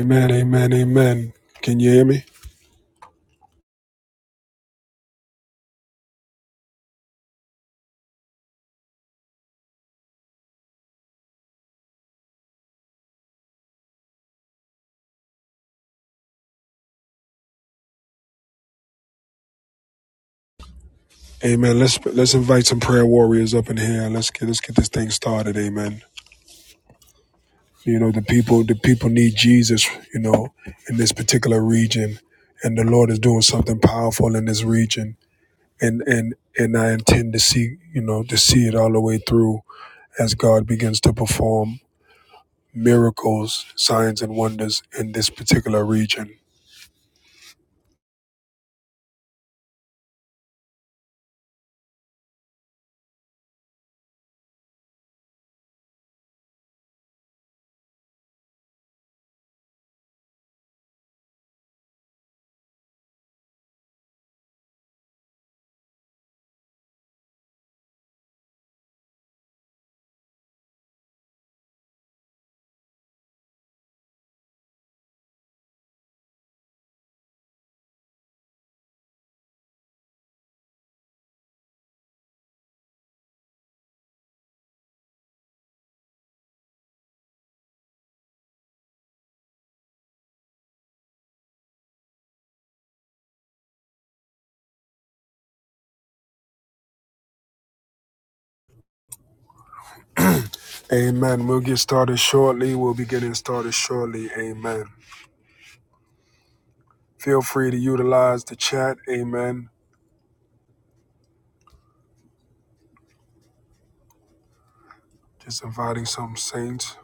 Amen, amen, amen. Can you hear me? Amen. Let's let's invite some prayer warriors up in here. Let's get let's get this thing started. Amen. You know the people the people need Jesus. You know in this particular region, and the Lord is doing something powerful in this region. And and and I intend to see you know to see it all the way through as God begins to perform miracles, signs, and wonders in this particular region. Amen. We'll get started shortly. We'll be getting started shortly. Amen. Feel free to utilize the chat. Amen. Just inviting some saints.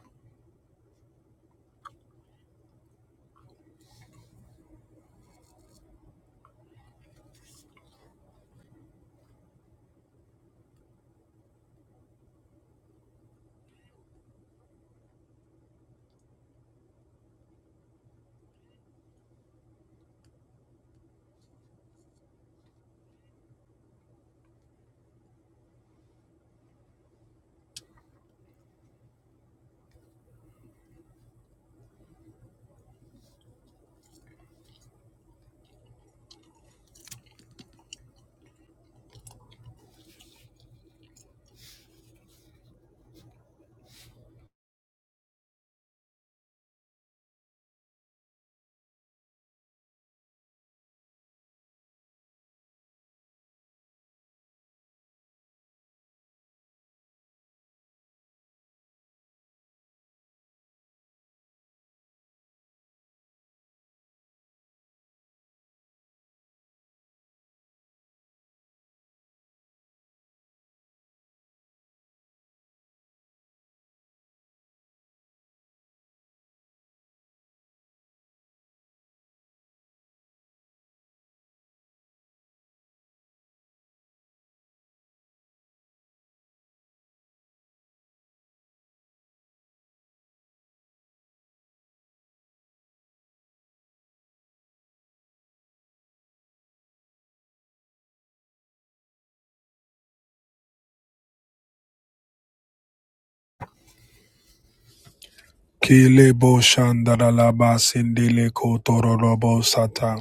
Kile bo shandala ba sindile ko tororo bo sata.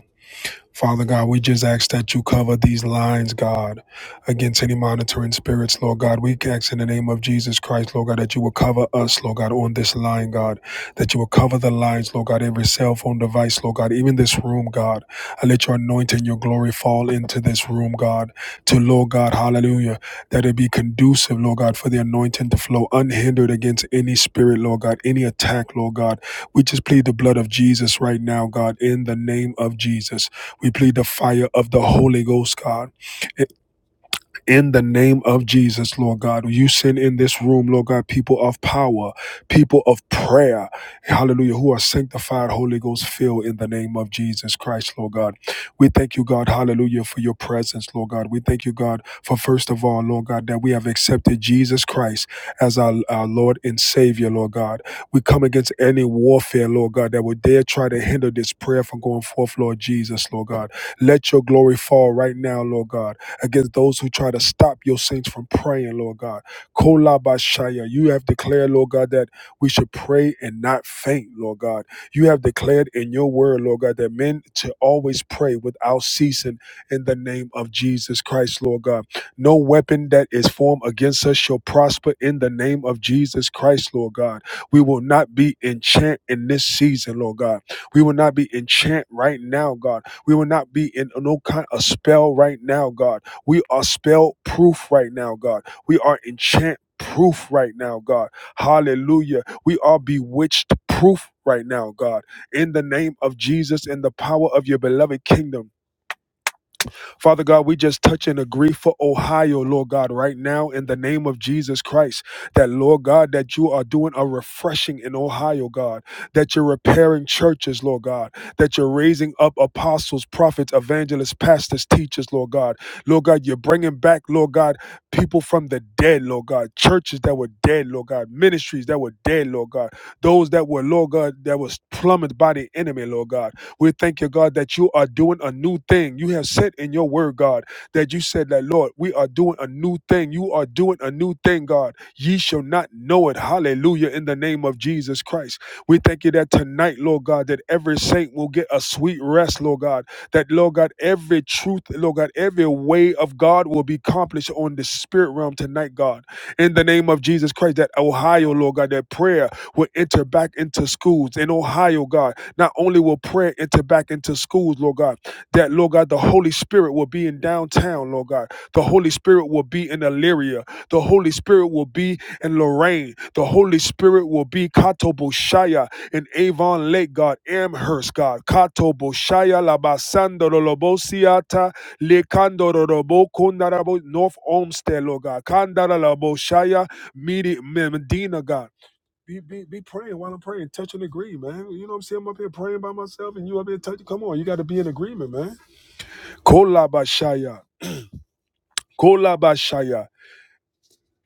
Father God, we just ask that you cover these lines, God, against any monitoring spirits, Lord God. We ask in the name of Jesus Christ, Lord God, that you will cover us, Lord God, on this line, God, that you will cover the lines, Lord God, every cell phone device, Lord God, even this room, God. I let your anointing, your glory fall into this room, God, to Lord God, hallelujah, that it be conducive, Lord God, for the anointing to flow unhindered against any spirit, Lord God, any attack, Lord God. We just plead the blood of Jesus right now, God, in the name of Jesus. We plead the fire of the Holy Ghost, God, in the name of Jesus, Lord God. You send in this room, Lord God, people of power, people of prayer, hallelujah, who are sanctified, Holy Ghost filled in the name of Jesus Christ, Lord God. We thank you, God, hallelujah, for your presence, Lord God. We thank you, God, for first of all, Lord God, that we have accepted Jesus Christ as our, our Lord and Savior, Lord God. We come against any warfare, Lord God, that would dare try to hinder this prayer from going forth, Lord Jesus, Lord God. Let your glory fall right now, Lord God against those who try to stop your saints from praying, Lord God. Kolabashaya, you have declared, Lord God, that we should pray and not faint, Lord God. You have declared in your word, Lord God, that men to always pray without ceasing in the name of Jesus Christ, Lord God. No weapon that is formed against us shall prosper in the name of Jesus Christ, Lord God. We will not be enchant in this season, Lord God. We will not be enchant right now, God. We will not be in no kind of spell right now, God we are spell proof right now, God. We are enchant proof right now, God. Hallelujah. We are bewitched proof right now, God. In the name of Jesus and the power of your beloved kingdom. Father God, we just touch and agree for Ohio, Lord God, right now in the name of Jesus Christ. That, Lord God, that you are doing a refreshing in Ohio, God, that you're repairing churches, Lord God, that you're raising up apostles, prophets, evangelists, pastors, teachers, Lord God. Lord God, you're bringing back, Lord God, people from the dead, Lord God, churches that were dead, Lord God, ministries that were dead, Lord God, those that were, Lord God, that was plummeted by the enemy, Lord God. We thank you, God, that you are doing a new thing. You have said in your word, God, that you said that, Lord, we are doing a new thing. You are doing a new thing, God. Ye shall not know it. Hallelujah. In the name of Jesus Christ. We thank you that tonight, Lord God, that every saint will get a sweet rest, Lord God. That, Lord God, every truth, Lord God, every way of God will be accomplished on the spirit realm tonight, God. In the name of Jesus Christ, that Ohio, Lord God, that prayer will enter back into schools in Ohio, God not only will prayer enter back into schools, Lord God, that, Lord God, the Holy Spirit will be in downtown, Lord God. The Holy Spirit will be in Elyria. The Holy Spirit will be in Lorraine. The Holy Spirit will be Katobushaya in Avon Lake, God, Amherst, God. Katobushaya Labasando Lobosiata Lekando Robo Kundarabo North Olmsted, Lord God. Kandara Laboshaya Medi- Medina, God. Be, be, be praying while I'm praying. Touch and agree, man. You know what I'm saying? I'm up here praying by myself and you up here touching. Come on, you got to be in agreement, man. Kolabashaya. Kolabashaya.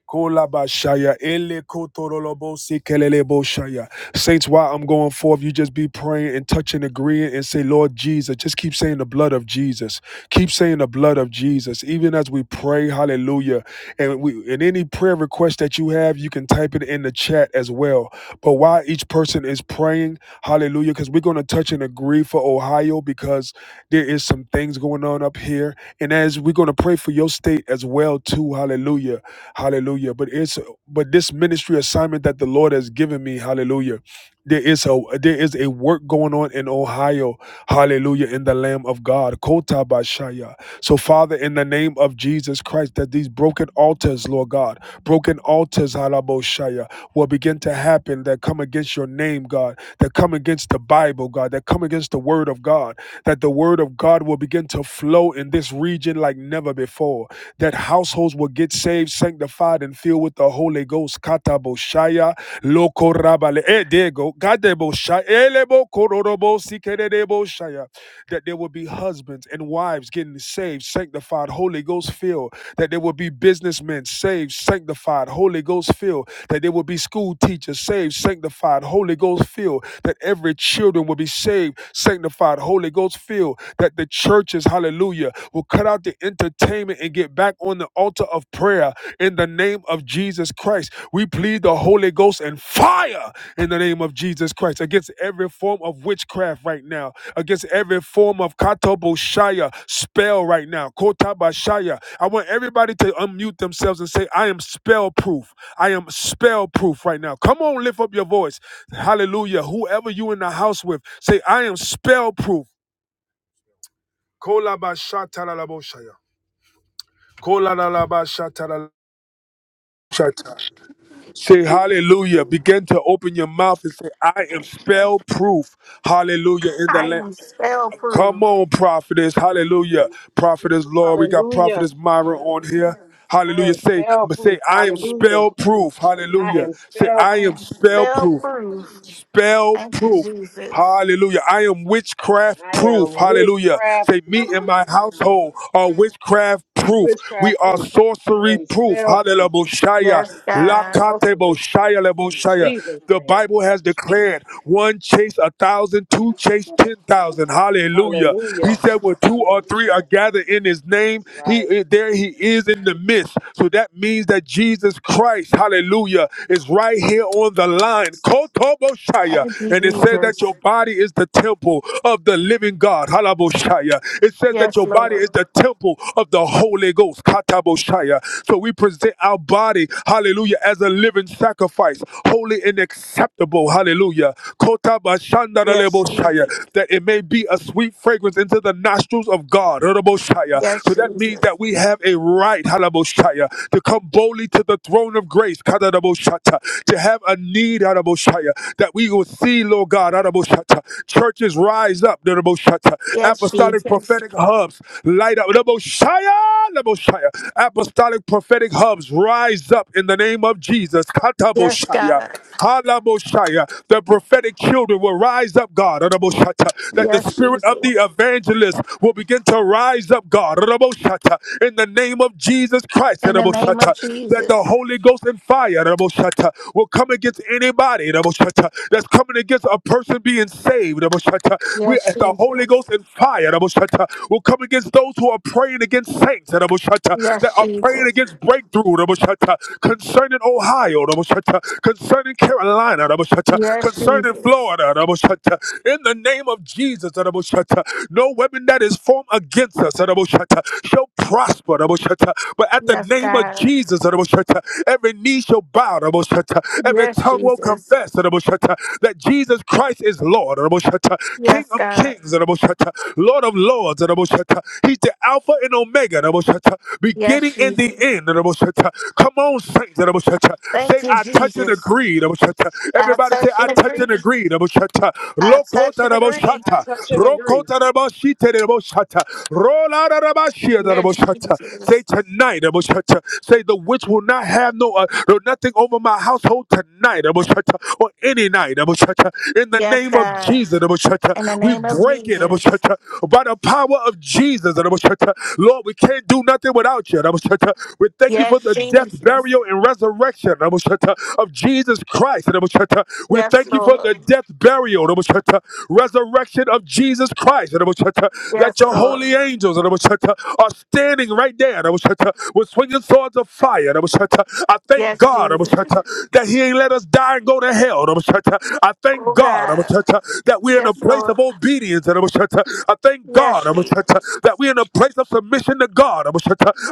Kolabashaya, ele kotorolobosi keleleboshaya. Saints, while I'm going forth, you just be praying and touching, agreeing, and say, Lord Jesus. Just keep saying the blood of Jesus. Keep saying the blood of Jesus. Even as we pray, hallelujah. And we and any prayer request that you have, you can type it in the chat as well. But while each person is praying, hallelujah, because we're going to touch and agree for Ohio because there is some things going on up here. And as we're going to pray for your state as well, too, hallelujah Hallelujah. But it's but this ministry assignment that the Lord has given me, hallelujah. There is a there is a work going on in Ohio, hallelujah, in the Lamb of God, Kota Bashaya. So, Father, in the name of Jesus Christ, that these broken altars, Lord God, broken altars, Halaboshaya, will begin to happen that come against your name, God, that come against the Bible, God, that come against the Word of God, that the Word of God will begin to flow in this region like never before that households will get saved, sanctified, and filled with the Holy Ghost. Kata boshaya loko rabale. Eh, there you go. Kata boshaya. Elebo kororobo sikerebo shaya that there will be husbands and wives getting saved, sanctified, Holy Ghost filled, that there will be businessmen saved, sanctified, Holy Ghost filled, that there will be school teachers saved, sanctified, Holy Ghost filled, that every children will be saved, sanctified, Holy Ghost filled, that the churches, hallelujah, will cut out the entertainment and get back on the altar of prayer in the name of Jesus. Christ. We plead the Holy Ghost and fire in the name of Jesus Christ against every form of witchcraft right now, against every form of katoboshaya spell right now. Kotabashaya. I want everybody to unmute themselves and say, I am spell proof. I am spell proof right now. Come on, lift up your voice. Hallelujah. Whoever you in the house with, say, I am spell proof. Kolabashatalalaboshaya. Kolalabashatalalaboshaya. Say hallelujah. Begin to open your mouth and say, I am spell proof. Hallelujah. In the I land. am spell Come proof. on, prophetess. Hallelujah. Prophetess Lord. We got Hallelujah. prophetess Myra on here. I Hallelujah. am Say, spell but say, proof. I am Hallelujah. spell proof. I Hallelujah. am Say, spell I I proof. am am spell spell proof proof. spell Thank you, proof. Jesus. Hallelujah. I am witchcraft I proof. am Hallelujah. witchcraft Say, me proof. and my household are witchcraft proof. We Witchcraft are proof. I sorcery am proof. spell Hallelujah. proof. Boshaya. Yes, You are God. Lakate sorcery proof. boshaya le In boshaya. Jesus' The name. Bible has declared one chase a thousand, two chase ten thousand. Hallelujah. He Hallelujah. said, when two or three are gathered in his name, That's he right. eh, there he is in the midst. So that means that Jesus Christ, hallelujah, is right here on on the line. Kotoboshaya. Thank you, And it says that your Jesus. body is the temple of the living God. Halaboshaya. It says that Yes, your body is Lord. the temple of the Holy Ghost. Kataboshaya. So we present our body, hallelujah, as a living sacrifice, holy and acceptable. Hallelujah. Yes, Kotabashandaraleboshaya. Jesus. That it may be a sweet fragrance into the nostrils of God. Halaboshaya. Yes, So that means Jesus. that we have a right, halaboshaya, to come boldly to the throne of grace to have a need Shaya, that we will see, Lord God, Shata, churches rise up, Shata, Yes, apostolic Jesus. prophetic hubs light up, Shaya, Shaya, apostolic prophetic hubs rise up in the name of Jesus, Yes, Kataboshaya. God. Halaboshaya. The prophetic children will rise up, God. Adaboshata. That the Yes, spirit of the Jesus. evangelist will begin to rise up, God. Adaboshata. In the name of Jesus Christ. In the name of Adaboshata that the Jesus. Holy Ghost and fire Raboshata, will come against anybody Raboshata, that's coming against a person being saved. Raboshata. We Yes, at the Holy Jesus. Ghost and fire Raboshata, will come against those who are praying against saints Raboshata, that Yes, are praying Jesus. against breakthrough Raboshata, concerning Ohio Raboshata, concerning Carolina Raboshata, Yes, concerning Jesus. Florida Raboshata. In the name of Jesus Raboshata, no weapon that is formed against us Raboshata, shall prosper Raboshata. But but at the Yes, name of God. Jesus, every knee shall bow, every Yes, tongue will Jesus. confess that Jesus Christ is Lord, King Yes, of God. kings, Lord of lords. He's the Alpha and Omega, Yes, beginning and the Jesus. end. Come on, saints. Thank Say, you, I touch and Jesus. agree. I Everybody say, touch I and touch and agree. agree. Lokota I touch and agree. I touch and agree. Rokota Roll out Yes, Say Jesus. tonight, Say the witch will not have no uh, no nothing over my household tonight, or any night, In the Yes, name of God. Jesus, In the we name of break it, Jesus. by the power of Jesus, Lord, we can't do nothing without you, We thank you Yes, for the death, Jesus. burial, and resurrection, of Jesus Christ, We Yes, thank you for Lord. the death, burial, resurrection of Jesus Christ, Raboshata. That Yes, your Lord. holy angels angels and I was are standing right there and I was with swinging swords of fire I was I thank Yes, God I was Jesus. that He ain't let us die and go to hell I was I thank Oh, God I was God. that we're in a Yes, place Lord. of obedience and I was I thank God Yes, I was Jesus. that we're in a place of submission to God I was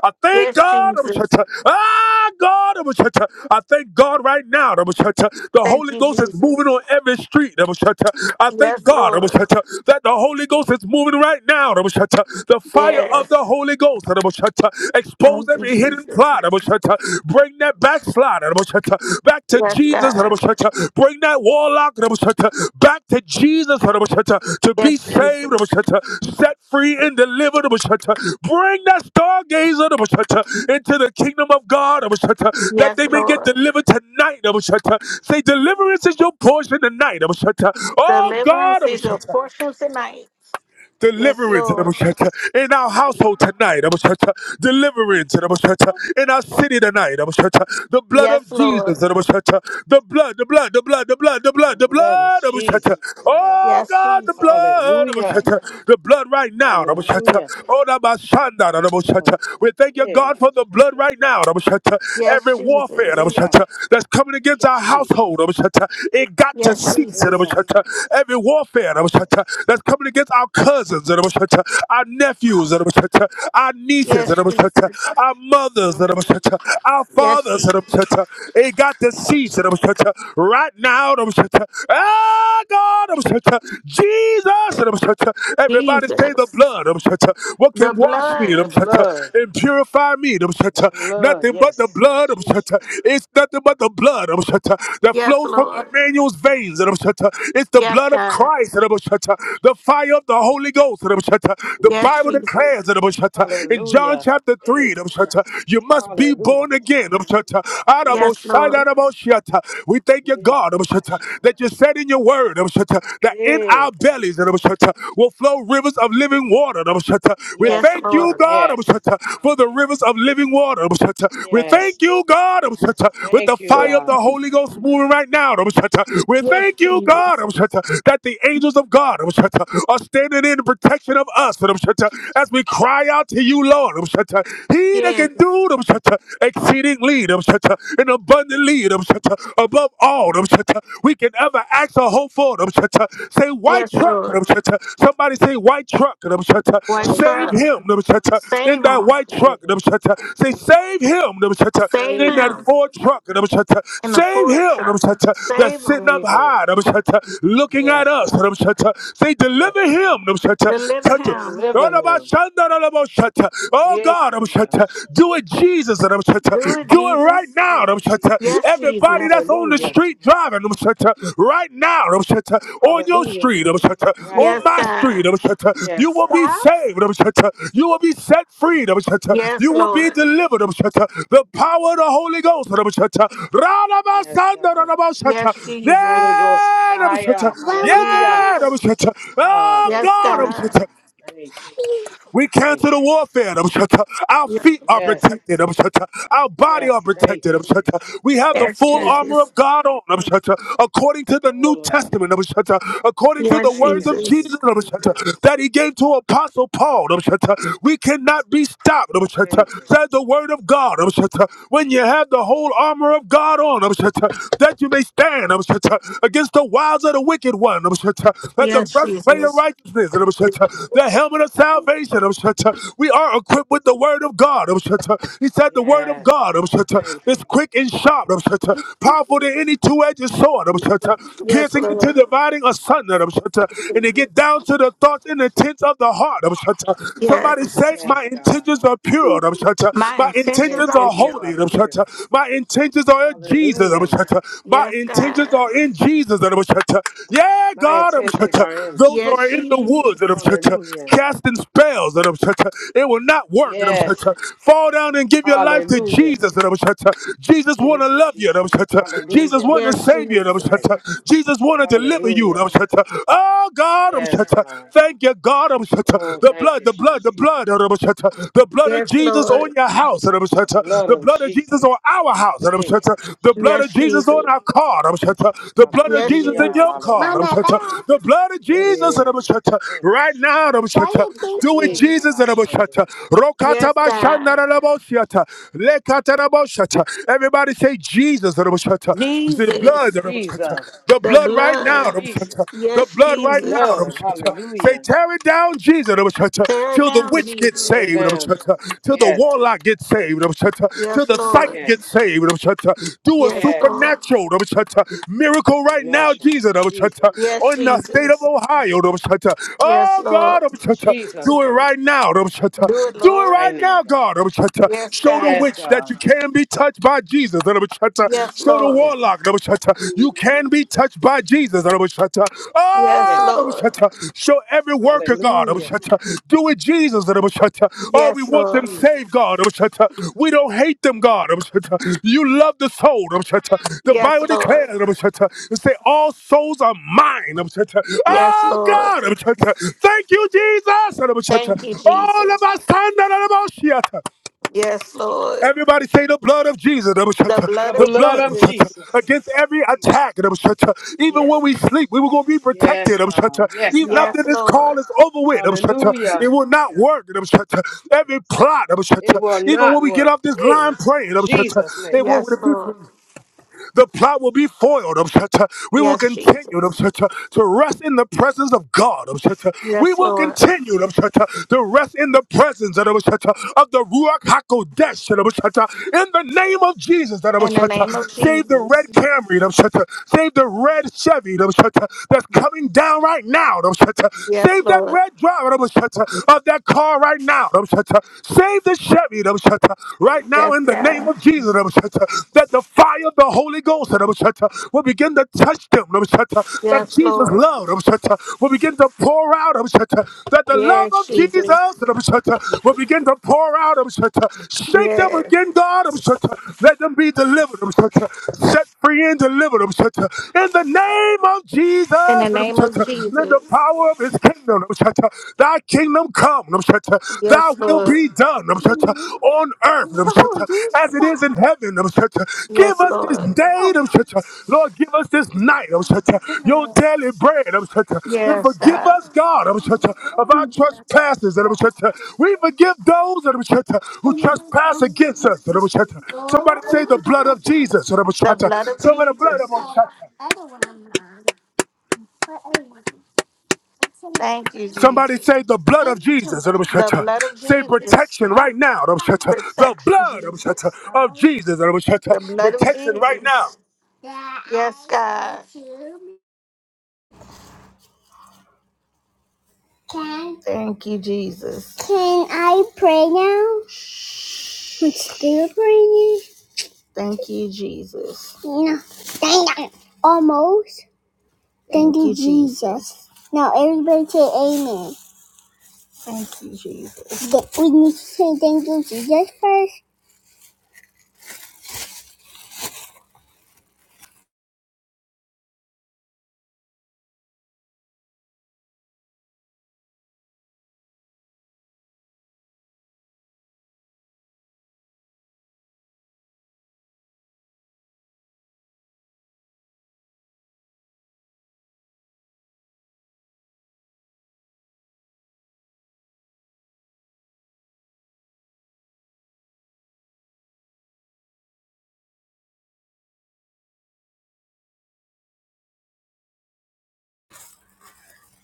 I thank Yes, God I was Jesus. Ah, God I was I thank God right now I was The Thank Holy you, Ghost is moving Jesus. on every street I was I Yes, thank God I was Lord. that the Holy Ghost is moving moving right now. The fire of the Yes. Holy Ghost. Expose Thank you, every hidden Jesus. plot. Bring that backslide. Back to Yes, Jesus. God. Bring that warlock. Back to Jesus. To be Yes, saved. Jesus. Set free and delivered. Bring that stargazer into the kingdom of God. That Yes, they may Lord. get delivered tonight. Say deliverance is your portion tonight. Oh God. Deliverance is your portion tonight. Yes, Deliverance Lord. in our household tonight. Deliverance in our city tonight. The blood Yes, of Jesus. Lord. The blood, the blood, the blood, the blood, the The blood, the blood of Jesus. blood. Yes. Oh Yes, God, the Jesus. Hallelujah. blood. The blood right now. Hallelujah. Oh, my son, Blood. we thank you, Yeah, my God, for the blood shadow right for a now. man. Every Yes, warfare Jesus. Hallelujah. that's coming Thank against you, our Jesus. household. It got to Yes, cease. Jesus. Hallelujah. Every warfare Yes. that's coming against our cousins, our nephews, our nieces, Yes, Jesus. our mothers, our Yes, fathers. Jesus. It got to cease right now. Ah, God, Jesus. Everybody say the Jesus. blood. What The can wash me blood. The blood, and purify me? the blood, Nothing but the yes, blood of Shatta. Jesus. It's nothing but the blood of Shatta that Yes, flows from Lord. Emmanuel's veins. of Shatta. It's the Yes, blood of God. Christ. of Shatta. The fire of the Holy Ghost. of Shatta. The Yes, Bible Jesus. declares of Shatta. in John Hallelujah. chapter 3 Hey, of Shatta, you must be born hallelujah. again. of Shatta. Arabo Yes, Yes, God. Shatta, Lord. Arabo Shatta. We thank you, Yes, God, of Shatta, that Kobashanda. you said in your word of Shatta, that in Hey, our thank you, bellies of Lord. Shatta, will flow rivers rivers of living water. We Yes, Yes, thank you, God, Lord. God, yes, for the rivers of living water. We yes. thank you, God, with the Thank you, fire Thank of you. the God. Jesus. Holy Ghost moving right now. We Yes, thank you, God, Jesus. that the angels of God are standing in protection of us as we cry out to you, Lord. He that Yes. can do exceedingly and abundantly above all we can ever ask or hope for. Say white Yes, truck. Lord. Somebody say white truck. White White Save truck. truck, him in Save that him. white truck. save him, Say save him Save in save that him. him, Ford truck. In a Save forward him truck. Save that's sitting him. up save him. high looking at Yes, us. God, Say yes, deliver him. God. Them, cha- cha. Deliver Touch him. him. Deliver Oh him. Yeah, God, Do it, Jesus buses and I'm Do it, Do it Jesus, right Jesus. now. do it, Jesus. Yes, Everybody Jesus. that's on the Hallelujah, street driving, Right now, On your hallelujah, street, God, right On Yes, now. my God. street, Yes, You will God. be Stop. saved, You will be set free, Yes, You will be Lord. delivered, The power of the Holy Ghost, I'm shut up. Yes, Radabasanda, God. Yes, radabashata. Holy Jesus. Ghost Yeah, fire. Where would you Hallelujah. Yeah, go? Oh Yes, God, Hallelujah, God. God. Thank you. we Thank cancel the you. warfare. um, Our Yes, feet are Yes. protected. um, Our body are Yes. Thank protected. you, um, Jesus. We have the yes, full Yes. armor of Jesus. God on. um, According to the New Full armor. Testament, um, according to the Yes, Thank words you, of Jesus. Jesus Jesus. um, that he gave to Apostle Paul, um, we cannot be stopped. um, Thank you. Says the word of God. um, When you have the whole armor of God on, um, that you may stand um, against the wiles of the wicked anointed one. Let the Yes, breastplate of Jesus. righteousness. The helmet of salvation. We are equipped with the word of God. He said the word of Yes, God God. Thank you. is quick and sharp. Powerful than any two-edged sword. Yes, Piercing into Lord. dividing asunder. And it get down to the thoughts and intents of the heart. Somebody say, Yes. my Yes, God. intentions are pure. My My My intentions intentions are are intentions are holy. pure. pure. My intentions intentions are in Hallelujah. Jesus. My Yes, intentions God. are in Jesus. Yeah, My God. intentions are in Those who Yes, are Jesus. in the woods Jesus. Hallelujah. casting spells. It will not work. Yes. Fall down and give your life to Hallelujah. Jesus. Jesus Give want it to to love you. Jesus. Jesus Hallelujah. want to Yes, save you. Jesus. That's right. Jesus want to deliver you. Hallelujah. Oh God, Yes, God. thank you, God. Oh, The thank blood, you, the blood, the Jesus. blood. The blood of Yes, Jesus Lord. on your house. The blood The of blood of Jesus on Jesus. our house. The blood of Yes, Jesus on Jesus. Ekamashandarabosha. our car. The blood of Yes, Jesus in Hallelujah. Jesus. your Hallelujah. car. Mama, back. The blood of Yes, Jesus. Jesus. Yes. Thank you, Right now. Jesus. Why you Do it, kissing? Jesus. Ekabashandarosa. Yes, God. Everybody say Jesus. We say the blood. Jesus. Jesus. The The blood right now. blood. Jesus. The Yes, blood The right right now. Jesus. blood. Say, Hallelujah. tear it down, Jesus, Tear it till the down, witch gets Tear Jesus. it saved, down, Jesus. till the Yes. warlock gets saved, till Yes, the Lord. psychic Yes. gets saved. Do a Yes, Yes. Lord. supernatural miracle right now, Supernatural. Jesus, Rabashata, Jesus. Yes, on the state of Jesus. Ohio. Yes, Oh, Lord. God, In Jesus' do it name. right now. Do it, Do it Lord. Right right now, now, God. God. Yes, Show the God. Yes, witch that God. you can be touched by Jesus. Yes, Show the the Lord. Yes. warlock. You can be touched by Jesus. Yes, Oh, Yes. Lord. Show every worker, God. Hallelujah. Do it, Jesus. Oh, we Yes, want them Lord. saved, Jesus. God. We don't hate them, God. You love the soul. The Yes, Bible Lord. declares, Rabushata, and say, all souls are mine. Yes, Oh, Lord. God. Thank you, Jesus. Thank you, All of Jesus. us. Yes, Lord. Everybody say the blood of Jesus, the The The blood of blood blood of Jesus. Jesus. against every attack. Even when Yes. we sleep, we were going to be protected. Yes, God. Yes, Even God. after Yes, this call Lord. is over with, it Hallelujah. will not work. Every plot, It will even when not we get work. off this Eh, line In praying, Jesus' it name. Yes, will. Lord. The plot will be foiled. um, uh, We will Yes, continue um, Jesus. uh, to rest in the presence of God. um, uh, We Yes, will Lord. continue um, uh, to rest in the presence um, uh, of the Ruach HaKodesh. um, uh, In the name of Jesus, um, In the uh, name of save the red Jesus. Camry. um, uh, Save the red Chevy um, uh, that's coming down right now. um, uh, Yes, Save that Lord. red driver um, uh, of that car right now. um, uh, Save the Chevy. Right now, Yes, in the name God. of Jesus, that the fire of the Holy Ghost will begin to touch them. That Yes, Jesus' Lord. love will begin to pour out. That the love Yes, of Jesus Jesus. will begin to pour out. Shake them Yes. again, God. Let them be delivered. Set free and delivered. In the name of Jesus, In the name of in Jesus. the power of his kingdom kingdom, um, cha- thy kingdom come, um, cha- thy Yes, will Lord. be done um, cha- on earth um, cha- Oh, you as it stop. is in heaven. um, cha- Give Yes, us this Lord. day, um, cha- Lord, give us this night, um, cha- your daily bread, um, cha- and Yes, forgive us, God, um, cha- of our trespasses. um, cha- We forgive those um, cha- who trespass against us. um, cha- Somebody say the blood of God. Jesus. um, cha- The cha. blood of Somebody the blood Jesus. of Jesus. Thank you, Somebody Jesus. say the blood of Jesus. The blood of Say Jesus. protection right now. The Protection, blood Jesus. of Jesus. The blood of Protection right now. Jesus. Yes, God. Can Thank you, Jesus. Can I pray now? Shh. I'm still praying. Thank you, Jesus. No, dang it. Almost. Thank Thank you, Jesus. Jesus. Now everybody say amen. Thank you, Jesus. We need to say thank you, Jesus first.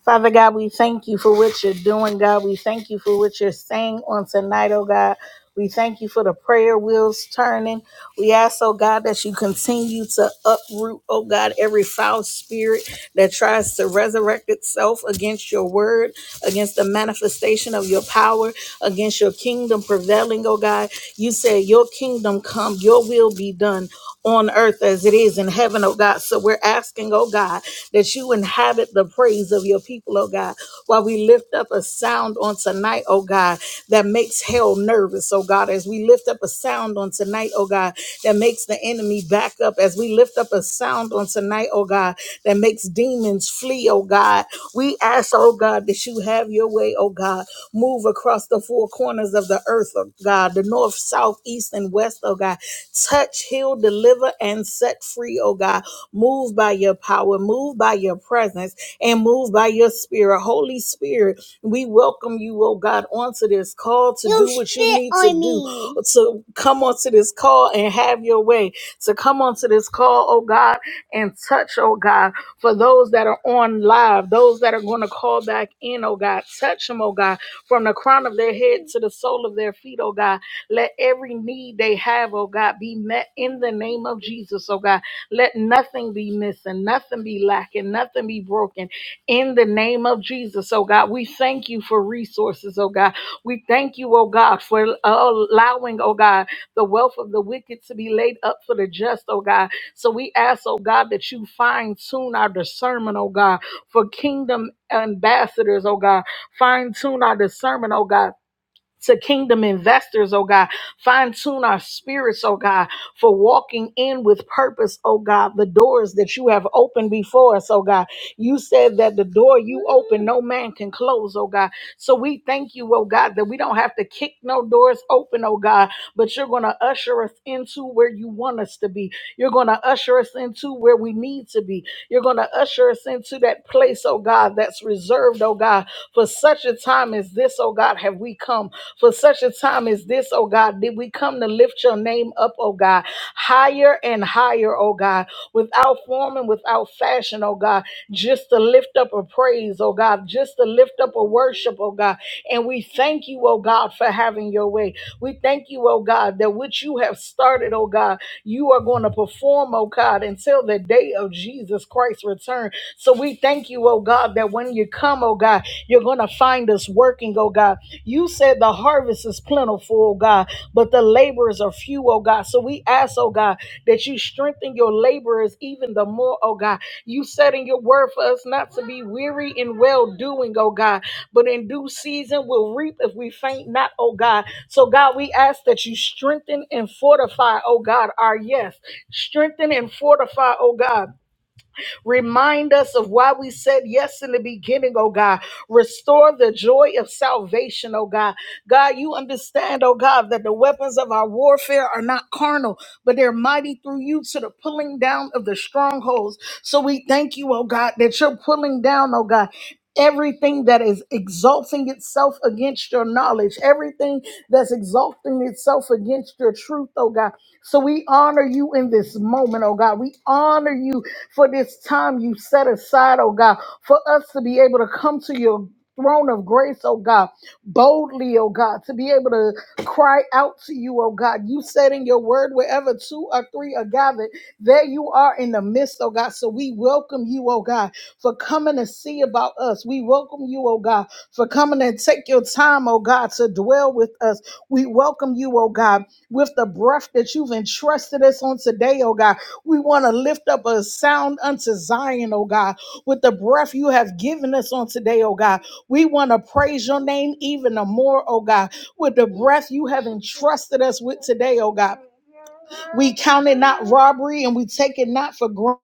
Father God, we thank you for what you're doing, God. We thank you for what you're saying on tonight, oh God. We thank you for the prayer wheels turning. We ask, oh God, that you continue to uproot, oh God, every foul spirit that tries to resurrect itself against your word, against the manifestation of your power, against your kingdom prevailing, oh God. You said, Your kingdom come, your will be done on earth as it is in heaven, oh God. So we're asking, oh God that you inhabit the praise of your people, oh God. While we lift up a sound on tonight, oh God, that makes hell nervous, oh God, as we lift up a sound on tonight, oh God, that makes the enemy back up, as we lift up a sound on tonight, oh God, that makes demons flee, oh God. We ask, oh God, that you have your way, oh God. Move across the four corners of the earth, oh God, the north, south, east, and west, oh God. Touch, heal, deliver, and set free, oh God Move by your power, move by your presence, and move by your spirit. Holy Spirit, we welcome you, oh God, onto this call to do what you need to do. To come onto this call and have your way. To come onto this call, oh God, and touch, oh God, for those that are on live, those that are going to call back in, oh God. Touch them, oh God, from the crown of their head to the sole of their feet, oh God. Let every need they have, oh God, be met in the name of Jesus, oh God. Let nothing be missing, nothing be lacking, nothing be broken. In the name of Jesus, oh God, we thank you for resources, oh God. We thank you, oh God, for allowing, oh God, the wealth of the wicked to be laid up for the just, oh God. So we ask, oh God, that you fine tune our discernment, oh God, for kingdom ambassadors, oh God. Fine tune our discernment, oh God to kingdom investors, oh God. Fine tune our spirits, oh God, for walking in with purpose, oh God, the doors that you have opened before us, oh God. You said that the door you open, no man can close, oh God. So we thank you, oh God, that we don't have to kick no doors open, oh God, but you're going to usher us into where you want us to be. You're going to usher us into where we need to be. You're going to usher us into that place, oh God, that's reserved, oh God, for such a time as this, oh God, have we come. For such a time as this, oh God, did we come to lift your name up, oh God, higher and higher, oh God, without form and without fashion, oh God, just to lift up a praise, oh God, just to lift up a worship worship, oh God. And we thank you, oh God, for having your way. We thank you, oh God, that which you have started, oh God, you are going to perform, oh God, until the day of Jesus Christ's return. So we thank you, oh God, that when you come, oh God, you're going to find us working, oh God. You said the harvest is plentiful, oh God, but the laborers are few, oh God. So we ask, oh God, that you strengthen your laborers even the more, oh God. You said in your word for us not to be weary in well doing, oh God but in due season we'll reap if we faint not, oh God. So, God, we ask that you strengthen and fortify, oh God, our yes. Strengthen and fortify, oh God Remind us of why we said yes in the beginning, oh God. Restore the joy of salvation, oh God. God, you understand, oh God, that the weapons of our warfare are not carnal, but they're mighty through you to the pulling down of the strongholds. So we thank you, oh God, that you're pulling down, oh God. Everything that is exalting itself against your knowledge, everything that's exalting itself against your truth, oh God. So we honor you in this moment, oh God. We honor you for this time you set aside, oh God, for us to be able to come to your throne of grace, oh God, boldly, oh God, to be able to cry out to you, oh God. You said in your word, wherever two or three are gathered, there you are in the midst, oh God. So we welcome you, oh God, for coming to see about us. We welcome you, oh God, for coming and take your time, oh God, to dwell with us. We welcome you, oh God, with the breath that you've entrusted us on today, oh God. We want to lift up a sound unto Zion, oh God, with the breath you have given us on today, oh God. We want to praise your name even the more, oh God, with the breath you have entrusted us with today, oh God. We count it not robbery and we take it not for granted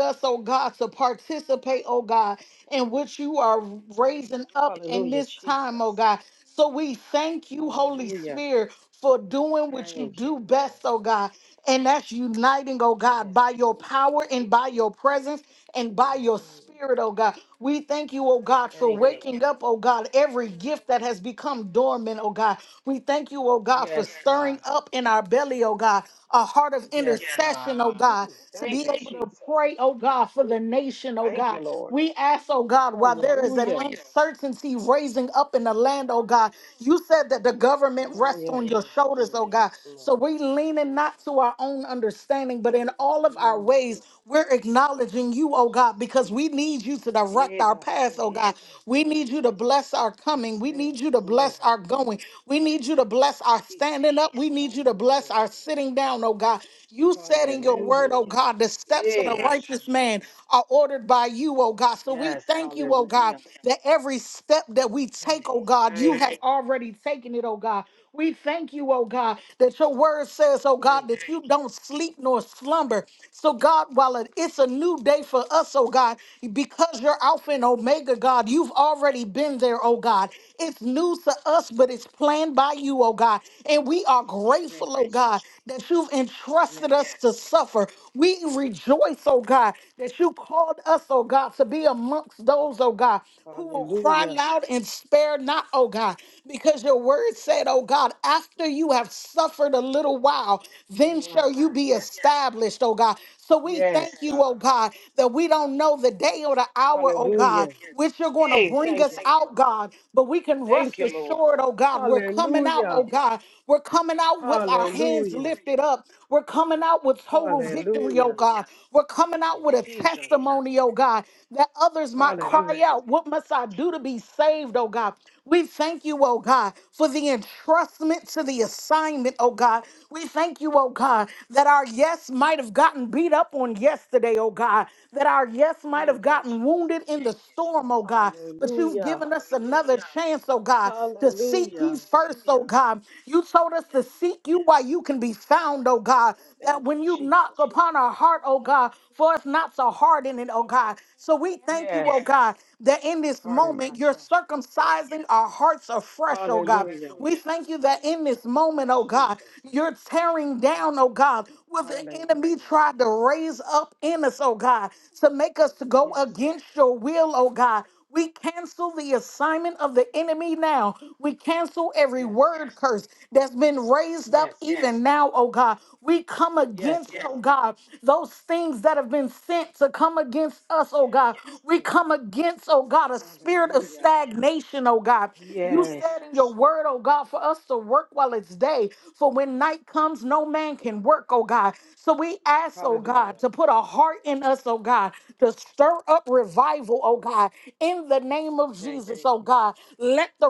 us, oh God, to participate, oh God, in which you are raising up in Hallelujah, this time, oh Jesus. God. So we thank you, Holy Hallelujah. Spirit, for doing what you Thank you, do Lord. best, oh God. And that's uniting, oh God, Yes, by your God. power and by your presence and by your Hallelujah. spirit, oh God. We thank you, oh God, for Thank you, waking Lord. up, oh God, every gift that has become dormant, oh God. We thank you, oh God, for Yes, God. stirring up in our belly, oh God, a heart of Yes, God. intercession, oh God Ooh, to be thank you, able to Jesus. pray, oh God, for the nation, oh Thank God. you, Lord. We ask, oh God, while there is an Hallelujah. uncertainty raising up in the land, oh God, you said that the government Allow rests your on your Holy shoulders, oh Spirit to God. flow. So we leaning not to our own understanding, but in all of our ways we're acknowledging you, oh God, because we need you to direct our path, oh God. We need you to bless our Your coming. We need spirit you to flow, bless our Holy going. Spirit, We need you to bless our standing peacefully. up. We need you to Hando bless our sitting down, oh God. You said in your Hallelujah, word, oh God. God, the steps of Eh, the righteous mashando man ko. are ordered by you, oh God. So we Yes, thank you, oh God, hallelujah. that every step that we Hey, take, oh God, you thank have you, already taken it, oh God. We thank you, oh God, that your word says, oh God, thank that that you, you don't sleep nor slumber. So, God, while it- it's a new day for us, oh God, because you're Alpha and Omega, God, you've already been there, oh God. It's new to us, but it's planned by you, oh God. And we are thank grateful, you, oh God, Jesus. that you've entrusted Yes, us to suffer. We rejoice, oh God, that you called us, oh God, to be amongst those, oh God who will cry hallelujah. loud and spare not, oh God, because your word said, oh God, after you have suffered a little while, then Wow. shall you be Yes, established, oh God. So we thank yes, you, God. oh God, that we don't know the day or the hour, oh God, Hallelujah. which you're going to Hey, bring thank us you, out, Lord. God, but we can Thank rest you, Lord. assured, oh God, we're coming out, Hallelujah. oh God. We're coming out with our hands Hallelujah. lifted up. We're coming out with total victory, oh Hallelujah. God. We're coming In out with a Jesus' name. testimony, oh God that others might cry Hallelujah. out, What must I do to be saved, oh God? We thank you, oh God, for the entrustment to the assignment, oh God. We thank you, oh God, that our yes might have gotten beat up on yesterday, oh God, that our yes might have Thank you, gotten wounded Jesus. in the storm, oh God, but you've Hallelujah. given us another chance, oh God, to seek you Hallelujah. first, oh God. You told us to Yes. seek you while you can be found, oh Yes, Lord. God, that Thank you, when you Jesus. knock upon our heart, oh God, for us not to harden it, oh God. So we thank you, oh Yes. God, that in this Harden moment not you're your heart. Yes. circumcising our hearts afresh, oh God. Hallelujah. We thank you that in this moment, oh God, Jesus' name. you're tearing down, oh God, what the enemy Hallelujah. tried to raise up in us, oh God, to make us to go Yes. against your will, oh God. We cancel the assignment of the enemy now. We cancel every Yes, word God. curse that's been raised up Yes, God. even now, oh God. We come Yes, against, oh God. God, those things that have been sent to come against us, oh Yes. God. We Thank you. come against, oh God, a spirit of Hallelujah. stagnation, oh God. You Yes. said in your word, oh oh God, for us to work while it's day. For when night comes, no man can work, oh God. So we ask, oh God, Hallelujah. to put a heart in us, oh God, to stir up revival, oh God, in the name of Thank Jesus, you. oh God. Let the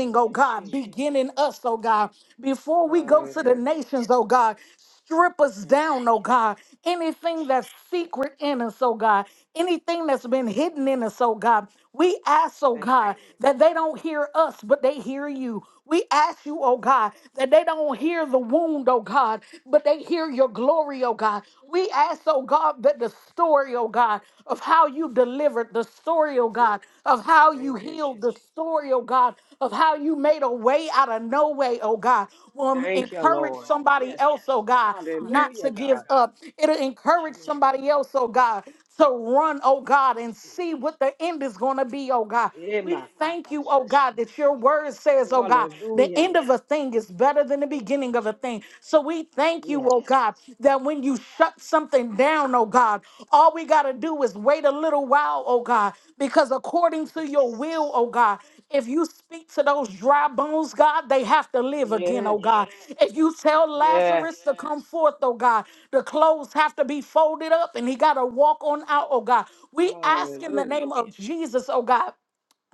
Thank oh you, God, Jesus. begin in us, oh God, before we go to the Hallelujah. nations, oh God. Strip us Thank you. down, oh God. Anything that's secret in us, oh God. Anything that's been Thank you, hidden in Lord. us, oh God. We ask, oh Thank you, God, that Lord. they don't hear us, but they hear you. We ask you, oh God, that they don't hear the wound, oh God, but they hear your glory, oh God. We ask, oh God, that the story, oh God, of how you delivered, the story, oh God, of how how you Thank you, healed the Jesus. story, oh God, of how you made a way out of no way, oh God. Will Thank you, encourage Lord. somebody Yes. else, oh God, not to Hallelujah, give God. up. It'll encourage You made a somebody way. else, oh God, to run, oh God, and see Jesus. what the end is going to be, oh God. We thank you, oh Emakubashia. God, that your word says, oh God, the Hallelujah. end of a thing is better than the beginning of a thing. So we thank you, Yes. oh God, that when you shut something down, oh God, all we got to do is wait a little while, oh God, because according to your Yes. will, oh God, if you speak to those dry bones, God, they have to live again, oh Yes. God. If you tell Lazarus Yes. to come forth, oh God, the clothes have to be folded up and he got to walk on out, oh God. We ask in the Hallelujah. name of Jesus, oh God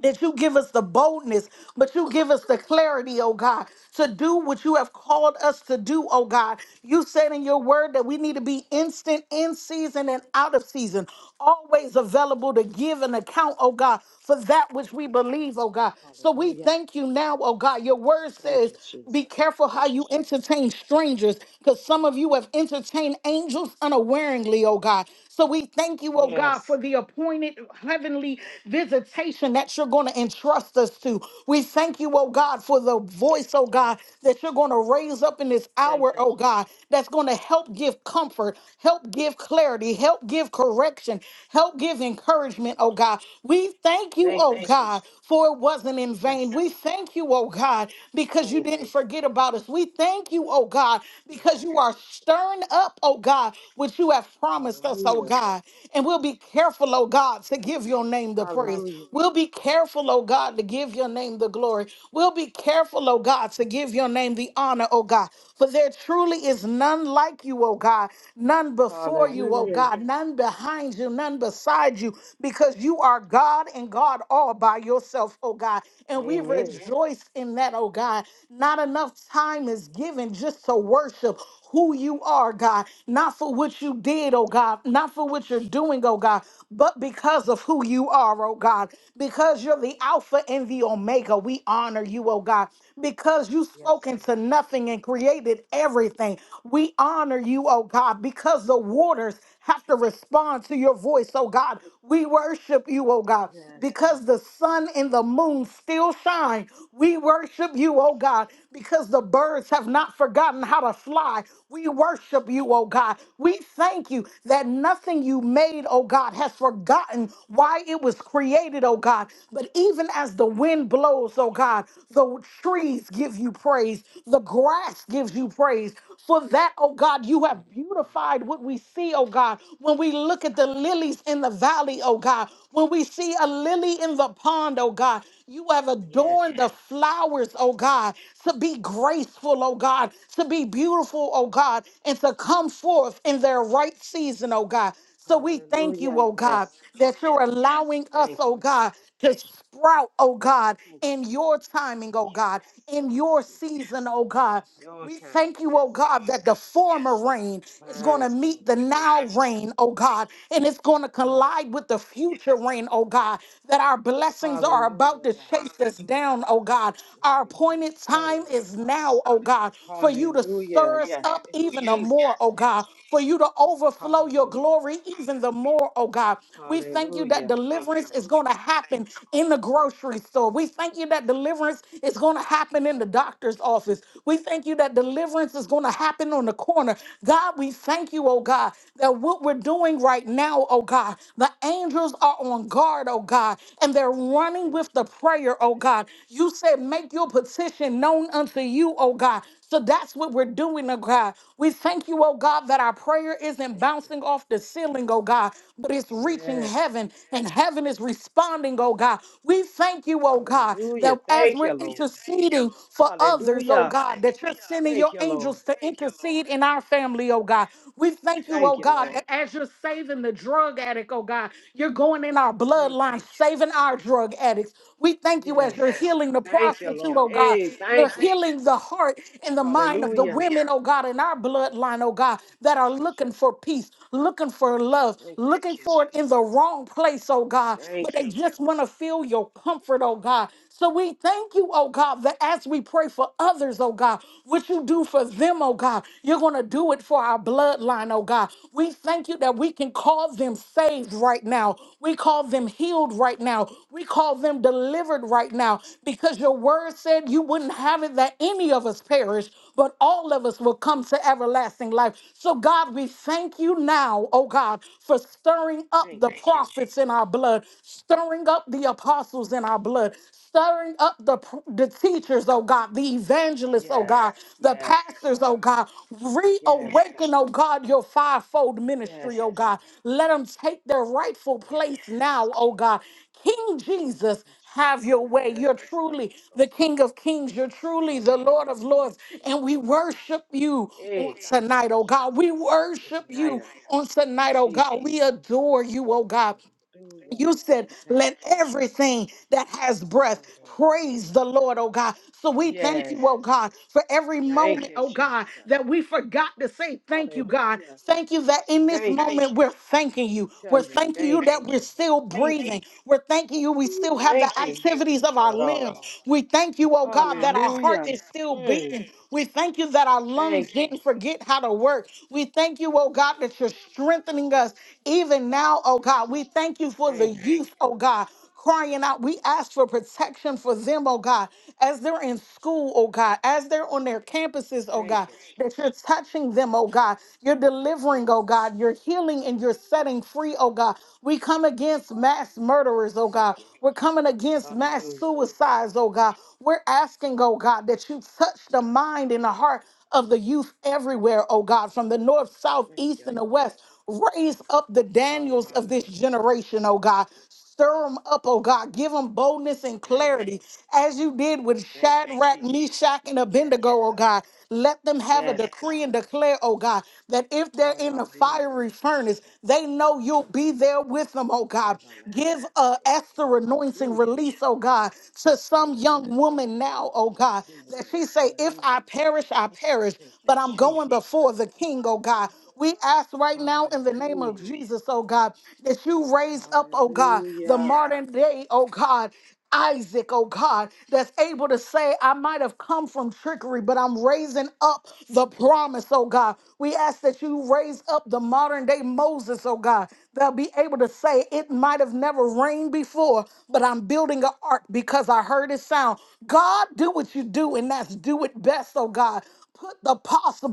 that you give us the boldness, but you give us the clarity, oh God, to do what you have called us to do, oh God. You said in your word that we need to be instant in season and out of season, always available to give an account, oh God, for that which we believe, oh God. So we Hallelujah. thank you now, oh God. Your word Thank says, you, Jesus. be careful how you entertain strangers, because some of you have entertained angels unawareingly, oh God. So we thank you, oh God, for Yes. the appointed heavenly visitation that you're going to entrust us to. We thank you, oh God, for the voice, oh Yes. God, that you're going to raise up in this hour, Thank you, oh God, that's going to help give comfort, help give clarity, help give correction, help give encouragement, oh God. We thank you, Thank you, oh God, Jesus. for it wasn't in vain. Yes, We God. thank you, oh God, because you Thank you. didn't forget about us. We thank you, oh God, because you Yes, are stirring. Stirring up, oh God, what you have God. promised us, oh Hallelujah. God. And we'll be careful, oh God, to give your name the praise. Hallelujah. We'll be careful, oh God, to give your name the glory. We'll be careful, oh God, to give your name the honor, oh God. For there truly is none like you, oh God, none before you, oh Hallelujah. God, none behind you, none beside you, because you are God and God all by yourself, oh God. And we Amen. rejoice in that, oh God. Not enough time is given just to worship who you are, God, not for what you did, oh God, not for what you're doing, oh God, but because of who you are, oh God, because you're the Alpha and the Omega. We honor you, oh God, because you Yes, spoke into God. nothing and created everything. We honor you, oh God, because the waters have to respond to your voice, oh God. We worship you, oh God, Yes, because God. the sun and the moon still shine. We worship you, oh God, God, because the birds have not forgotten how to fly. We worship you, oh God. We thank you that nothing you made, oh God, has forgotten why it was created, oh God. But even as the wind blows, oh God, the trees give you praise, the grass gives you praise. For that, oh God, you have beautified what we see, oh God, when we look at the lilies in the valley, oh God, when we see a lily in the pond, oh God. You have Yes, adorned the God. flowers, oh God, to be graceful, oh God, to be beautiful, oh God, and to come forth in their right season, oh God. So we thank you, Hallelujah. oh God, Yes. that you're allowing us, Thank you. oh God, to sprout, oh God, Thank you. in your timing, oh God, Yes. in your Jesus. season, oh God. Your We time. thank you, oh Yes, God, God. that the former rain is going Divine to meet the timing. Thank now you, Lord. rain, oh God, and it's going to Yes. collide with the future rain, oh God, that our blessings are about Hallelujah, to God. chase us down, oh God. May Our they come appointed time suddenly, is now, oh God, for God. you to Hallelujah. Stir us Yes. up In even the Jesus' more, oh name. God, for you to overflow your Hallelujah. glory even the more, oh God. We thank you that Hallelujah. Thank you, deliverance is Lord. going to happen in the grocery store. We thank you that deliverance is going to happen in the doctor's office. We thank you that deliverance is going to happen on the corner. God, we thank you, oh God, that what we're doing right now, oh God, the angels are on guard, oh God, and they're running Thank with you. the prayer, oh God. God. You said, make your petition known unto you, oh God. So that's what we're doing, oh God. We thank you, oh God, that our prayer isn't Thank you. bouncing off the ceiling, oh God, but it's reaching Yes. heaven and heaven is responding, oh God. We thank you, oh God, that Hallelujah. as Thank you, we're Lord. interceding for others, oh Hallelujah. God, that you're sending Thank your you, Lord. angels to intercede in our family, oh Yes. God. We thank you, Thank oh you, God, Lord. that as you're saving the drug addict, addict, oh God. You're going in our Thank you. bloodline, saving our drug addicts. We thank you as Yes, you're God. healing the Thank you, prostitute, Lord. oh God. Hey, You're thank you. healing the heart and the mind of the Hallelujah. women, oh God, in our bloodline, oh God, Thank that you, are looking Jesus. for peace, looking for love, Thank you, looking for it Jesus. in the wrong place, oh God. But Thank they you, just Lord. want to feel your comfort, oh God. So we thank you, oh God, that as we pray for others, oh God, what you do for them, oh God, you're going to do it for our bloodline, oh God. We thank you that we can call them saved right now. We call them healed right now. We call them delivered right now because your word said you wouldn't have it that any of us perish, but all of us will come to everlasting life. So, God, we thank you now, oh God, for stirring up Thank the you, Jesus. prophets in our blood, stirring up the apostles in our blood, stirring up the, pr- the teachers, oh God, the evangelists, oh Yes. God, the Yes, pastors, God. oh God. Yes, God. Reawaken, oh God, your fivefold ministry, Yes, oh God. God. Let them take their rightful Yes, place now, Jesus. oh God. King Jesus, Let your have your spirit way. You're rest upon truly us, oh the God. King of Kings. You're truly the Lord of Hallelujah. Lords. Full of And we fire, God. worship you on Hey, tonight, oh Kabashanta. God. We worship Ignite you us, on God. tonight, oh Jesus. God. We adore you, oh God. Hallelujah. You said, Thank let you. everything that has breath praise the Hallelujah. Lord, oh God. So we thank you, Yes. oh God, for every Thank moment, you, oh God, Jesus. that we forgot to say thank you, God. Hallelujah. Thank you that in this Thank you. moment we're thanking We you. tell We're you, thanking you thank you, that we're Lord. still Thank you. breathing. We're thanking you we Ooh, still have the Thank you. Thank activities you of our for it all, limbs. God. We thank you, oh God, that our heart Hallelujah. is still Mm, beating. We thank you that our lungs thank you. didn't forget how to work. We thank you, oh God, that you're strengthening us even now, oh God. We thank you for the Thank you. youth, oh God crying out. We ask for protection for them, oh God, as they're in school, oh God, as they're on their campuses, oh Thank God, you, Jesus. that you're touching them, oh God. You're delivering, oh God. You're healing and you're setting free, oh God. We come against mass mass murderers, oh Thank God. you. We're coming against mass Hallelujah. suicides, oh God. We're asking, oh God, that you touch the mind and the heart of the youth everywhere, oh God, from the north, south, Thank east, you, and the Lord. west. Raise up the Daniels of this Hallelujah. generation, oh God. Stir them up, oh God. Give them boldness and Thank you. clarity as you did with Thank you, Shadrach, Jesus. Meshach, and Yes, Abednego, oh God. God. Let them have a Yes, decree God. and declare, oh God, that if they're in the Hallelujah. fiery furnace, they know you'll Praise be there with them, oh God. Give everlasting a faith. Esther anointing Hallelujah. release, oh God, to some young Hallelujah. woman now, oh God, that Exuberant. she say, if I Hallelujah. perish, I perish, Thank you, but I'm Jesus. going before the king, oh God. We ask right now in the name of Hallelujah. Jesus, oh God, that you raise up, oh God, the Hallelujah. modern day, oh God, Isaac, oh God, that's able to say, I might have come from trickery, but I'm raising up the promise, oh God. We ask that you raise up the modern day Moses, oh God, that'll be able to say, It might have never rained before, but I'm building an ark because I heard it sound. God, do what you do, and that's do it best, oh God. Put the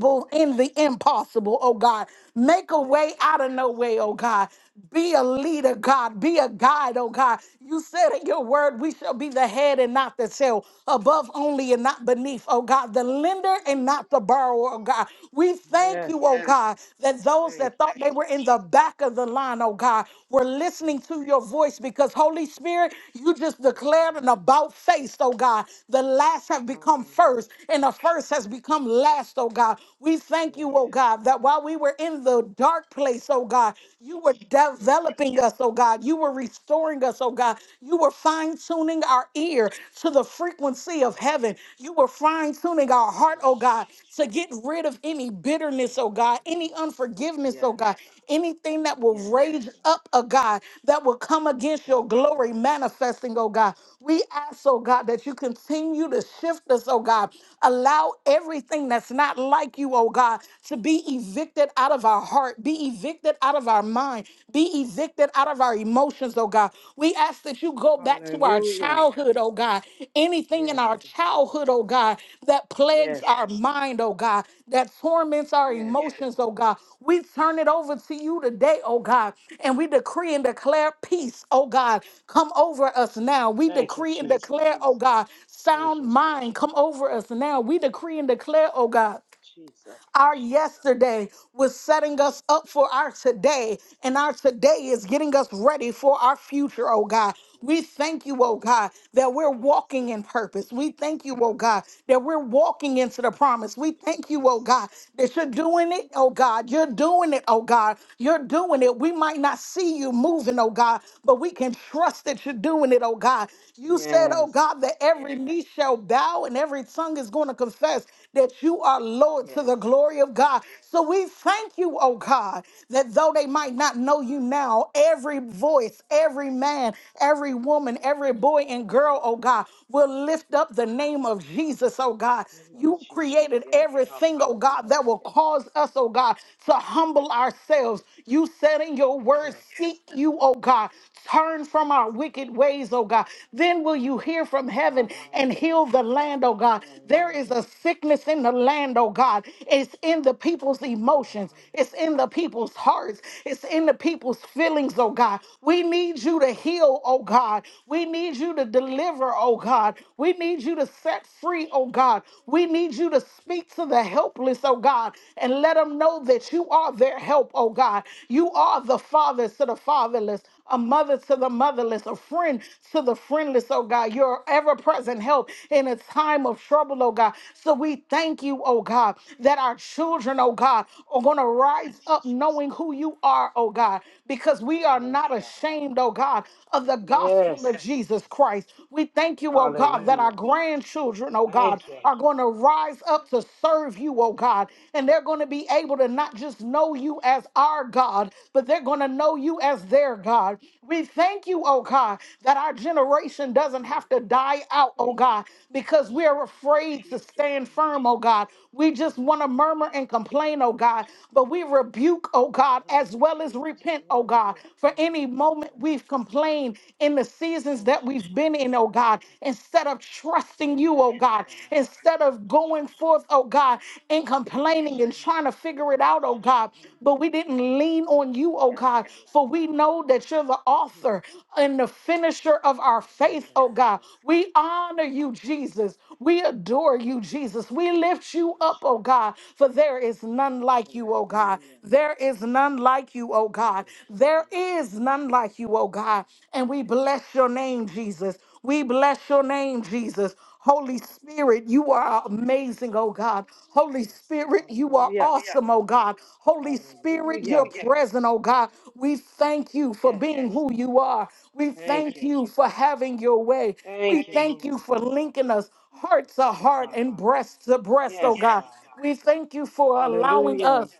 Thank you, in the Jesus. impossible, oh God. Make a way Yes, out of no Lord. way, oh Thank you. God. Be a leader, God. Be a guide, oh God. You said in your word, we shall be the head and not the tail, above only and not beneath, oh God, the lender and not the borrower, oh God. We thank you, Yes, oh God. God, that those Thank that you, thought they were in Jesus. the back of the line, oh God, were listening Thank to you, your voice Lord. voice because Holy Spirit, you just declared an Hallelujah. about face, oh God. The last have become first, Hallelujah. and the first has become last, oh God. We thank you, Yes. oh God, that while we were in the dark place, oh God, you were Thank you, developing Lord. us, oh God. You were restoring us, oh God. You were fine tuning our ear to the frequency of Yes. heaven. You were fine tuning our heart, Thank oh you, God, Jesus. to get rid of any bitterness, oh God, any Hallelujah. unforgiveness, oh Yes, God, God. anything that will Yes, raise God. up, oh God, that will come against your glory Hallelujah. manifesting, oh God. We ask, oh God, that you continue to shift us, oh God. Allow everything that's not like you, oh God, to be evicted out of our heart, be evicted out of our mind, be evicted out of our emotions, oh God. God. We ask that you go back to our Hallelujah. childhood, oh God. Anything in Yes, our God. childhood, oh God, that plagues Yes, our God. mind, oh God, that torments our Yes, God. emotions, oh God. We turn it over to you today, oh God, and we decree and declare peace, oh God, come over us now. We Thank you, decree and Jesus. declare, oh God, Thank sound you, mind Jesus. come over us now. We decree and declare, oh God Jesus. our yesterday was setting us up for our today, and our today is getting us ready for our future, oh God. We name. thank you, oh God, that we're Yes, walking God. in purpose. We thank you, oh God, that we're walking into the promise. We thank you, oh Yes. God, that you're doing it, oh God. You're doing it, oh God. You're doing it. We might not see you moving, oh God, but we can trust that you're doing it, oh God. You said, oh Yes. God, that every knee shall shall bow and every tongue is going to confess that you are Lord to Yes. the glory of God. So we thank you, oh God, that though they might not know you now, every voice, every man, every woman, every boy and girl, oh God, will lift up the name of Jesus, oh God. You know, You Jesus. created Yes. everything, oh Hallelujah. God, that will cause us, oh God, to humble ourselves. You said in your word, Yes, God. seek you, oh God. Turn from from our wicked ways, oh God. Then will you hear from heaven and Hallelujah. heal the land, oh God. There is a Hallelujah. sickness in the land, oh God. It's in the people's emotions, it's Hallelujah. in the people's hearts, it's in the people's feelings, oh God. We need you to heal, oh God. We need you to deliver, oh God. We need you to set free, oh God. We need you to speak to the helpless, oh God, and let them know that you are their help, oh God. You are the fathers to the fatherless a mother to the motherless, a friend to the friendless, oh God. Your ever present help in a time of trouble, oh God. So we thank you, oh God, that our children, oh God, are going to Yes, rise up Jesus. knowing who you are, oh God, because we are Yes, not God. ashamed, oh God, of the gospel of Yes. Jesus Christ. We thank you, oh God, that our Hallelujah. grandchildren, oh God, Thank you. are going to rise up to serve you, oh God, and they're going to be be able to not just know you as our God, but they're going to know you as their God. We thank you, oh God, that our generation doesn't Thank have to you. die out, oh God, because Thank we you. are Lord afraid to Jesus. stand In Jesus. firm, oh God. We just name, want to murmur and complain, mashando oh God, but we rebuke, oh God, as kuhema, well as shika repent, oh God, yando for any kuhema, moment mraba, we've complained in the seasons that we've oshandi been in, oh handi God, instead of trusting you in you, oh kuhema, God, korora instead of sirando going shi- forth, oh God, and yema, complaining and shanda trying to figure it korobo, out, oh God. shehandi But we yase, didn't lean on you, oh daba God, for yobo, we know that you're the hi, author and the finisher of our faith, yenda oh God. robo si. We honor you, Jesus. We adore you, Jesus. We lift you up, oh Jesus. God, for there is none like you, oh God. Hallelujah. There is none like you, oh God. Thank you, There Jesus. is none like you, oh God. And we Thank you, bless your Jesus. name, Jesus. We bless your name, Jesus. Holy Spirit, you Thank are you, amazing, Jesus. oh God. Holy Yes. Spirit, you are Hallelujah. awesome, oh God. Holy Spirit, Hallelujah. you're present, oh God. We thank you for Yes, being God. who you are. We Thank thank you. you for having your way. We Thank you, thank you Holy for Ghost. linking us heart to Thank you, heart Father and God. breast to breast, oh Yes, God. God. We thank you for allowing Hallelujah. us.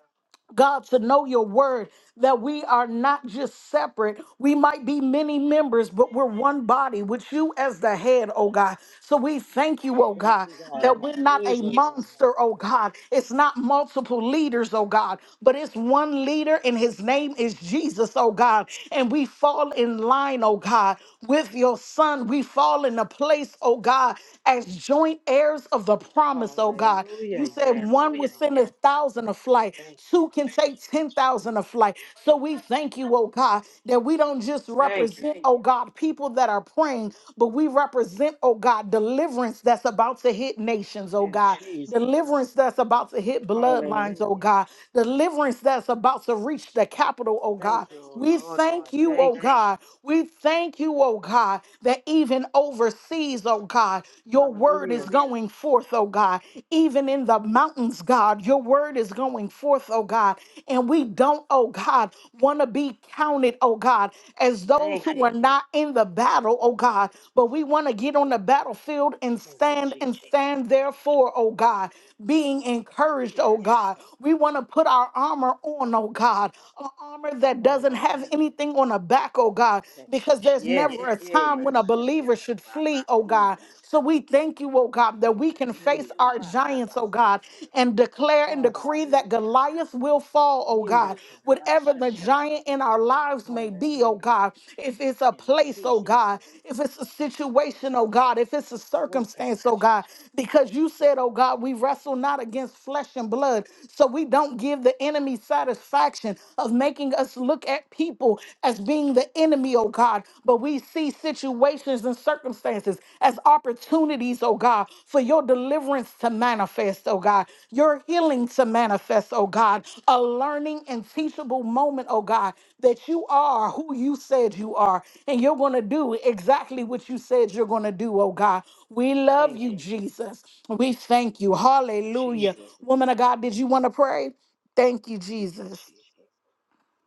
God, to know your word, that we are not just separate. We might be many members, but we're one body with you as the head, oh God. So we thank you, oh Thank God, you, God. that In we're not a Jesus' name. monster, oh God. It's not multiple leaders, oh God, but it's one leader, and his name is Jesus, oh God. And we fall in line, oh God, with your son. We fall in a place, oh God, as joint heirs of the promise, oh God. Hallelujah. You said Yes, one God. will send a thousand a flight, Thank you. two can Jesus. take 10,000 a flight. So we thank you, oh God, that we don't just Thank you. represent, oh God, people that are praying, but we represent, oh God, deliverance that's about to hit nations, oh In God, Jesus' deliverance name. that's about to hit bloodlines, oh Hallelujah. God, deliverance that's about to reach the capital, oh Thank God. you, oh We Lord God. thank you, Thank oh you. God. We thank you, oh God, that even overseas, oh God, God. Your word is Hallelujah. going forth, oh God. Even in the mountains, God, your word is going forth, oh God. And we don't, oh God, want to be counted, oh God, as those Thank who you. are Right. not in the battle, oh God. But we want to get on the battlefield and Thank you, stand and Jesus. stand therefore, oh God, being encouraged, oh Yes, God. God. We want to put our armor on, oh God, an armor that doesn't have Hallelujah. anything on the back, oh God, protection. because there's never Yes, never a eh, time my when a believer should shandoroba, flee, oh in God. that So we shape. thank you, oh God, that we can face Hallelujah. our giants, oh Bakobasi. God, and declare and decree that Hallelujah. Goliath will fall, oh In God. that Whatever the karabashando. giant in our lives may be, oh Hallelujah. God, if it's a In place, oh Jesus' God, name. if it's a situation, oh Yes. God, if it's a Oh, circumstance, oh kamash. God, because you said, oh God, we wrestle not against flesh and blood. So we don't give the enemy satisfaction of making us look at people as being the enemy, oh God, but we see situations and circumstances as opportunities, oh God, for your deliverance to manifest, oh God, your healing to manifest, oh God, a learning and teachable moment, oh God, that you are who you said you are, and you're going to do exactly what you said you're going to do, oh God. We love Thank you, you. Jesus. We thank you. Hallelujah. Jesus' Woman name. of God, did you want to pray? Thank you, Thank you, Jesus. Jesus.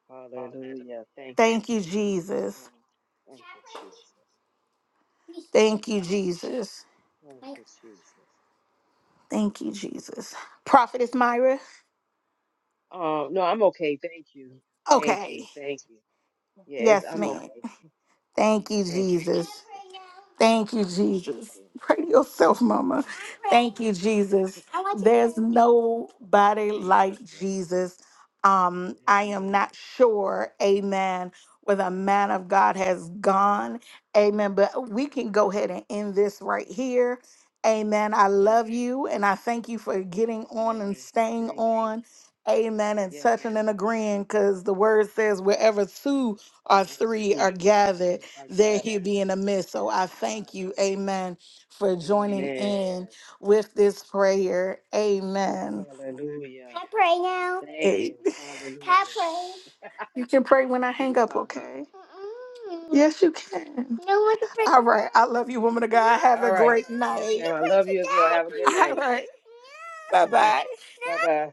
Hallelujah. Thank you. Thank you, Oh, Jesus. thank you, Jesus. Thank you, Jesus. Thank you, Jesus. Thank you, Jesus. Prophetess Thank you, Lord. Myra. Oh, no, I'm okay. Thank you. Thank Okay. you. Thank you. Yes, Yes, I'm ma'am. okay. Thank you, Thank you, Jesus. Jesus. Thank you, Thank Jesus. you, Pray to yourself, Mama. Thank you, Jesus. There's Jesus. nobody Jesus' like Jesus. Um, I name. am Amen. not sure, amen, where the man of God has gone. Amen. But we can go ahead and end this right here. Amen. I Okay. love you and I thank you for getting Yes, on and ma'am. staying Thank you. on. Amen. And Yes, touching and ma'am. agreeing because the word says, wherever two or The three two are of gathered which are there he gathered. be in the Yes, midst. So I in my thank you, name. amen, for joining Amen. in Yes. with this prayer. Amen. Hallelujah. Can I pray now? Thank Hey. you. Can I Hallelujah. pray? You can pray when I It hang is up, all you. okay? Mm-mm. Yes, you can. No one can pray. All right. I love you, woman of God. Have a All right. great night. Yes, You ma'am. can I love you as well. Have a good pray today. All night. right. Bye bye. bye bye.